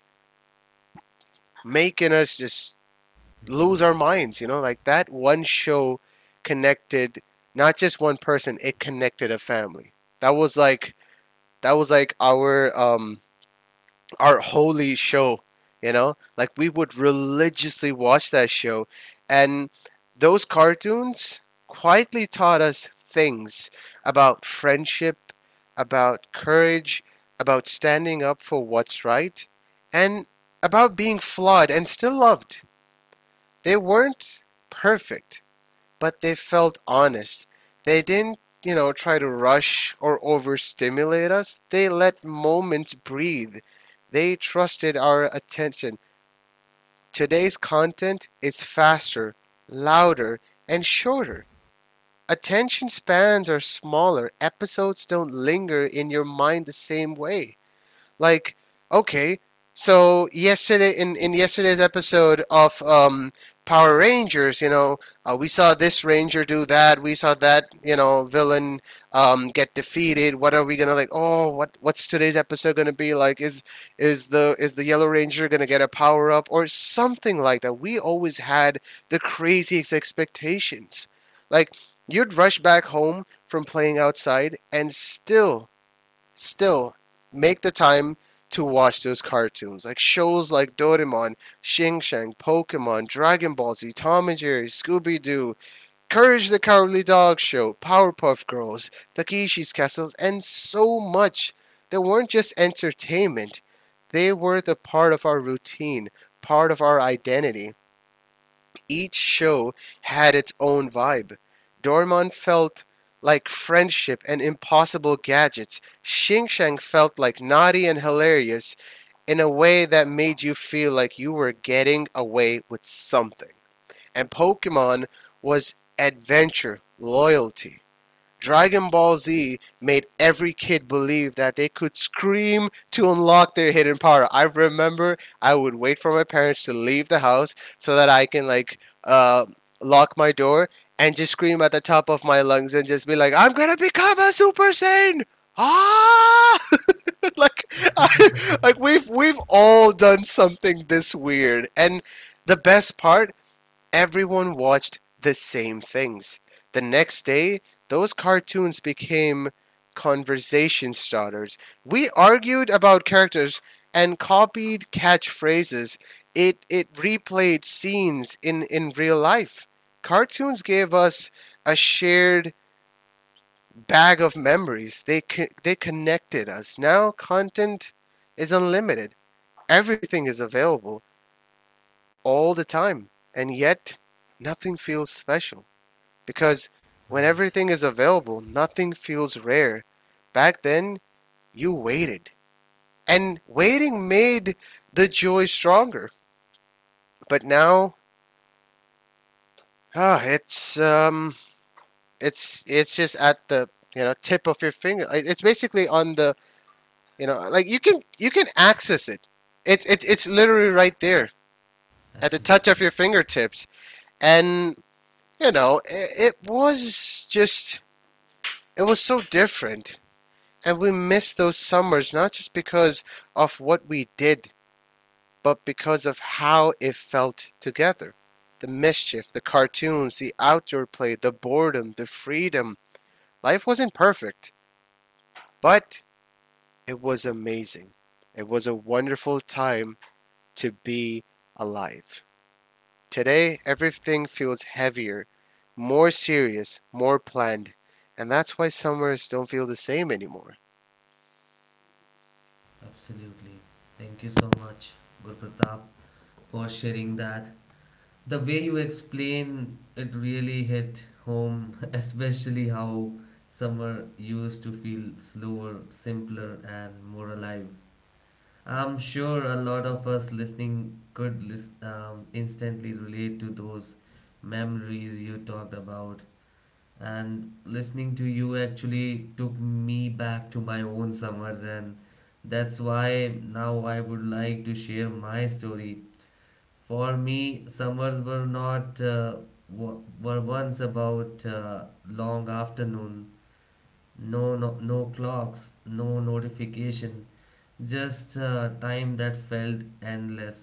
C: making us just lose our minds, you know, like that one show connected not just one person, it connected a family. That was like that was like our holy show, you know? Like, we would religiously watch that show, and those cartoons quietly taught us things about friendship, about courage, about standing up for what's right, and about being flawed and still loved. They weren't perfect, but they felt honest. They didn't, you know, try to rush or overstimulate us. They let moments breathe. They trusted our attention. Today's content is faster, louder, and shorter. Attention spans are smaller. Episodes don't linger in your mind the same way. Like, okay, so yesterday in yesterday's episode of Power Rangers, you know, we saw this ranger do that. We saw that, you know, villain get defeated. What are we gonna like? Oh, what's today's episode gonna be like? Is the Yellow Ranger gonna get a power up or something like that? We always had the craziest expectations. Like, you'd rush back home from playing outside and still make the time to watch those cartoons, like shows like Doraemon, Shing Shang, Pokemon, Dragon Ball Z, Tom and Jerry, Scooby Doo, Courage the Cowardly Dog Show, Powerpuff Girls, Takeshi's Castles, and so much. They weren't just entertainment. They were the part of our routine, part of our identity. Each show had its own vibe. Doraemon felt like friendship and impossible gadgets. Shing Shang felt like naughty and hilarious in a way that made you feel like you were getting away with something. And Pokemon was adventure, loyalty. Dragon Ball Z made every kid believe that they could scream to unlock their hidden power. I remember I would wait for my parents to leave the house so that I can like lock my door and just scream at the top of my lungs and just be like, "I'm gonna become a Super Saiyan! Ah!" [laughs] Like, I, like
A: [laughs]
C: we've all done something this weird, and the best part, everyone watched the same things. The next day, those cartoons became conversation starters. We argued about characters and copied catchphrases. It replayed scenes in real life. Cartoons gave us a shared bag of memories. They connected us. Now content is unlimited. Everything is available all the time, and yet nothing feels special, because when
A: Right,
C: everything is available, nothing feels rare. Back then, you waited, and waiting made the joy stronger. But now, ah, it's um, it's just at the, you know, tip of your finger. Like, it's basically on the, you know, like, you can access it. It's literally right there at the touch
A: absolutely.
C: of your fingertips, and you know it was so different. And we miss those summers not just because of what we did, but because of how it felt together. The mischief, the cartoons, the outdoor play, the boredom, the freedom. Life wasn't perfect, but it was amazing. It was a wonderful time to be alive. Today, everything feels heavier, more serious, more planned, and that's why summers don't feel the same anymore.
A: Absolutely. Thank you so much, Guru, for sharing that. The way you explain it really hit home, [laughs] especially how summer used to feel slower, simpler, and more alive. I'm sure a lot of us listening could instantly relate to those memories you talked about, and listening to you actually took me back to my own summers, and that's why now I would like to share my story. For me summers were not were once about long afternoon, no, no no clocks, no notification, just time that felt endless,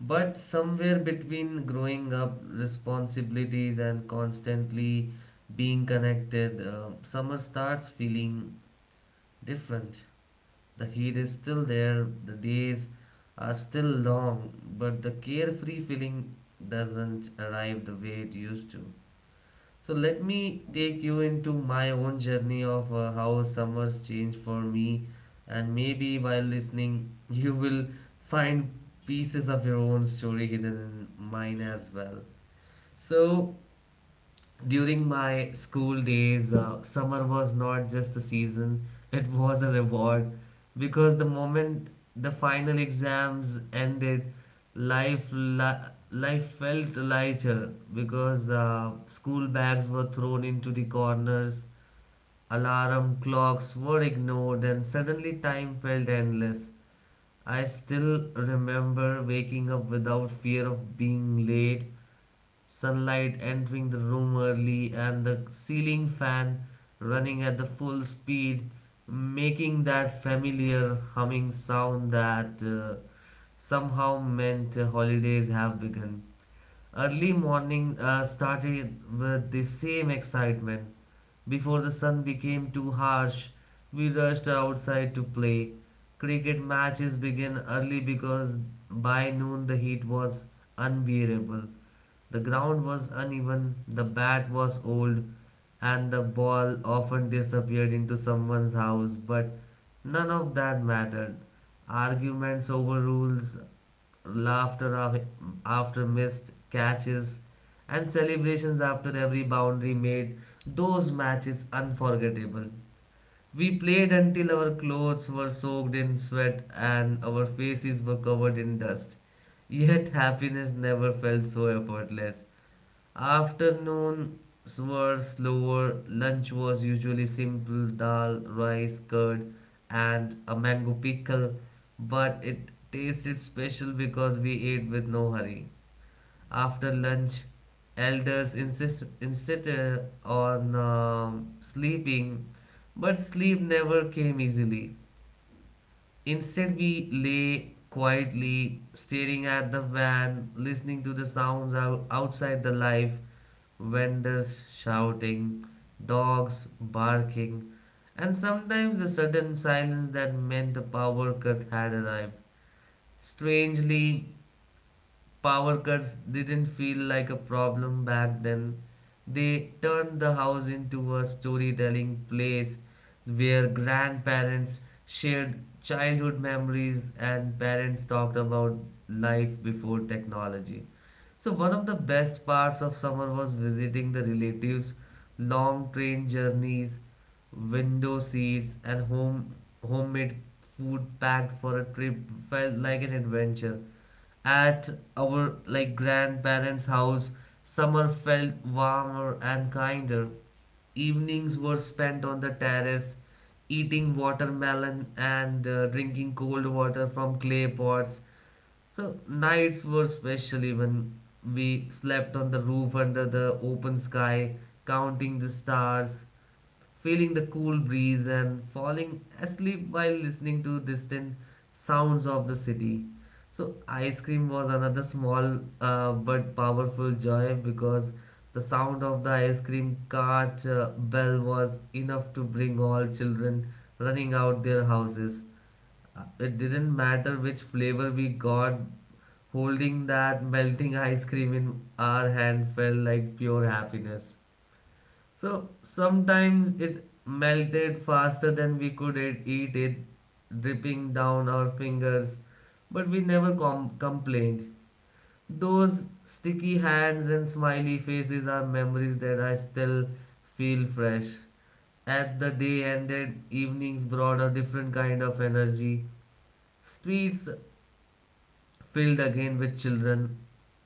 A: but somewhere between growing up, responsibilities, and constantly being connected, summer starts feeling different. The heat is still there, the days are still long, but the carefree feeling doesn't arrive the way it used to. So let me take you into my own journey of how summers change for me, and maybe while listening, [laughs] you will find pieces of your own story hidden in mine as well. So during my school days, summer was not just a season, it was a reward because the moment the final exams ended, life li- life felt lighter because school bags were thrown into the corners, alarm clocks were ignored, and suddenly time felt endless. I still remember waking up without fear of being late, sunlight entering the room early, and the ceiling fan running at the full speed, making that familiar humming sound that somehow meant holidays have begun. Early morning started with the same excitement. Before the sun became too harsh, we rushed outside to play. Cricket matches began early because by noon the heat was unbearable. The ground was uneven, the bat was old, and the ball often disappeared into someone's house, but none of that mattered. Arguments over rules, laughter after missed catches, and celebrations after every boundary made those matches unforgettable. We played until our clothes were soaked in sweat and our faces were covered in dust. Yet happiness never felt so effortless. Afternoons were slower. Lunch was usually simple dal, rice, curd, and a mango pickle, but it tasted special because we ate with no hurry. After lunch, insisted on sleeping, but sleep never came easily. Instead, we lay quietly, staring at the van, listening to the sounds outside, the life, vendors shouting, dogs barking, and sometimes a sudden silence that meant a power cut had arrived. Strangely, power cuts didn't feel like a problem back then. They turned the house into a storytelling place where grandparents shared childhood memories and parents talked about life before technology. So, one of the best parts of summer was visiting the relatives, long train journeys, window seats, and homemade food packed for a trip felt like an adventure. At our like grandparents' house, summer felt warmer and kinder. Evenings were spent on the terrace, eating watermelon and drinking cold water from clay pots. So nights were specially when we slept on the roof under the open sky, counting the stars, feeling the cool breeze, and falling asleep while listening to distant sounds of the city. So ice cream was another small but powerful joy because the sound of the ice cream cart bell was enough to bring all children running out their houses. It didn't matter which flavor we got, holding that melting ice cream in our hand felt like pure happiness. So sometimes it melted faster than we could eat it, dripping down our fingers, but we never complained. Those sticky hands and smiley faces are memories that I still feel fresh. As the day ended, evenings brought a different kind of energy. Streets filled again with children,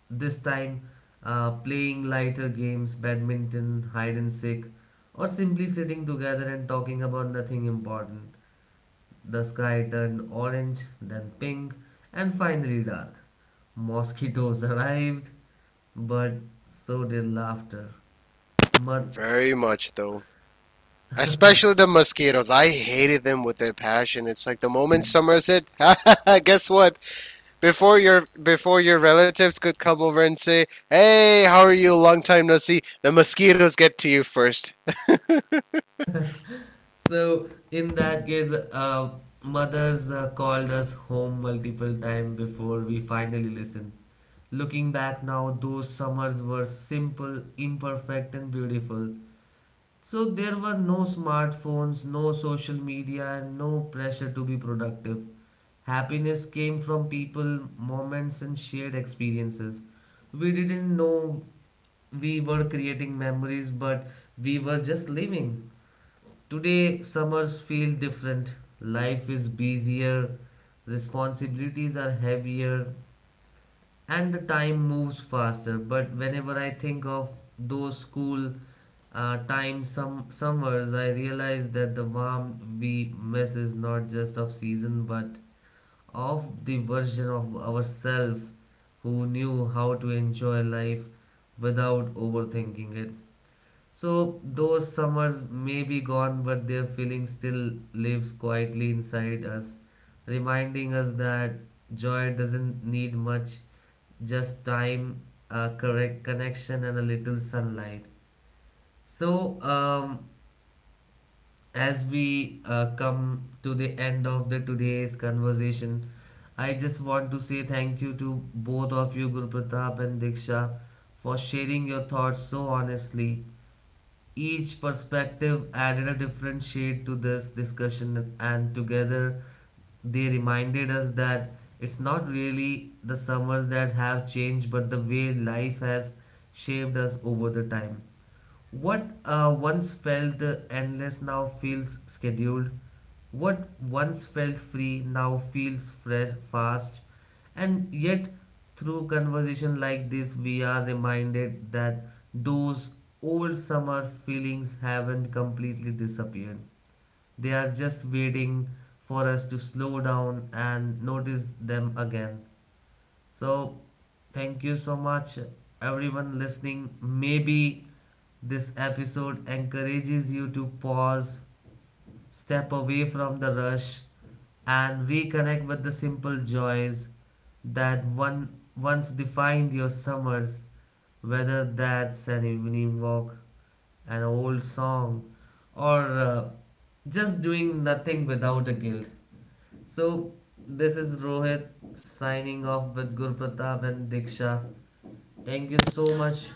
A: this time playing lighter games, badminton, hide and seek, or simply sitting together and talking about nothing important. The sky turned orange, then pink, and finally dark. Mosquitoes [laughs] arrived, but so did laughter. Mud.
C: Very much, though. Especially the mosquitoes. I hated them with their passion. It's like the moment summer's hit, [laughs] guess what? Before your relatives could come over and say, "Hey, how are you? Long time no see," the mosquitoes get to you 1st.
A: So in that case, uh, mothers called us home multiple times before we finally listened. Looking back now, those summers were simple, imperfect, and beautiful. So there were no smartphones, no social media, and no pressure to be productive. Happiness came from people, moments, and shared experiences. We didn't know we were creating memories, but we were just living. Today, summers feel different. Life is busier, responsibilities are heavier, and the time moves faster. But whenever I think of those school time some summers, I realize that the warm we miss is not just of season, but of the version of ourselves who knew how to enjoy life without overthinking it. So those summers may be gone, but their feeling still lives quietly inside us, reminding us that joy doesn't need much, just time, a correct connection, and a little sunlight. So as we come to the end of the today's conversation, I just want to say thank you to both of you, Guru Pratap and Diksha, for sharing your thoughts so honestly. Each perspective added a different shade to this discussion, and together they reminded us that it's not really the summers that have changed, but the way life has shaped us over the time. What once felt endless now feels scheduled. What once felt free now feels fresh, fast. And yet, through conversation like this, we are reminded that those old summer feelings haven't completely disappeared. They are just waiting for us to slow down and notice them again. So, thank you so much, everyone listening. Maybe this episode encourages you to pause, step away from the rush, and reconnect with the simple joys that one once defined your summers, whether that's an evening walk, an old song, or just doing nothing without a guilt. So, this is Rohit signing off with Gur Pratap and Diksha. Thank you so much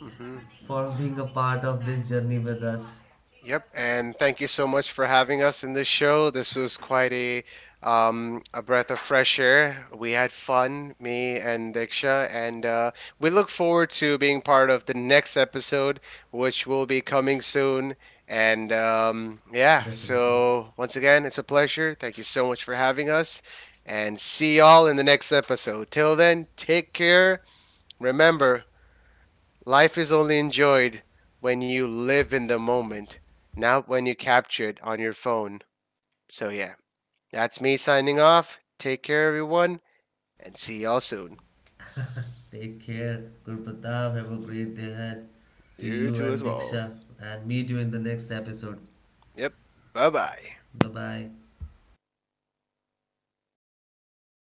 C: Hmm.
A: for being a part of this journey with us.
C: Yep, and thank you so much for having us in this show. This was quite a breath of fresh air. We had fun, me and Diksha, and we look forward to being part of the next episode, which will be coming soon. And yeah,
A: Definitely.
C: so once again, it's a pleasure. Thank you so much for having us, and see y'all in the next episode. Till then, take care. Remember, life is only enjoyed when you live in the moment, not when you capture it on your phone. So yeah, that's me signing off. Take care, everyone, and see y'all soon.
A: Take care, Gur Pratap. Have a great day ahead to
C: You too,
A: you
C: as
A: and
C: well.
A: Diksha, and meet you in the next episode.
C: Yep. Bye bye.
A: Bye bye.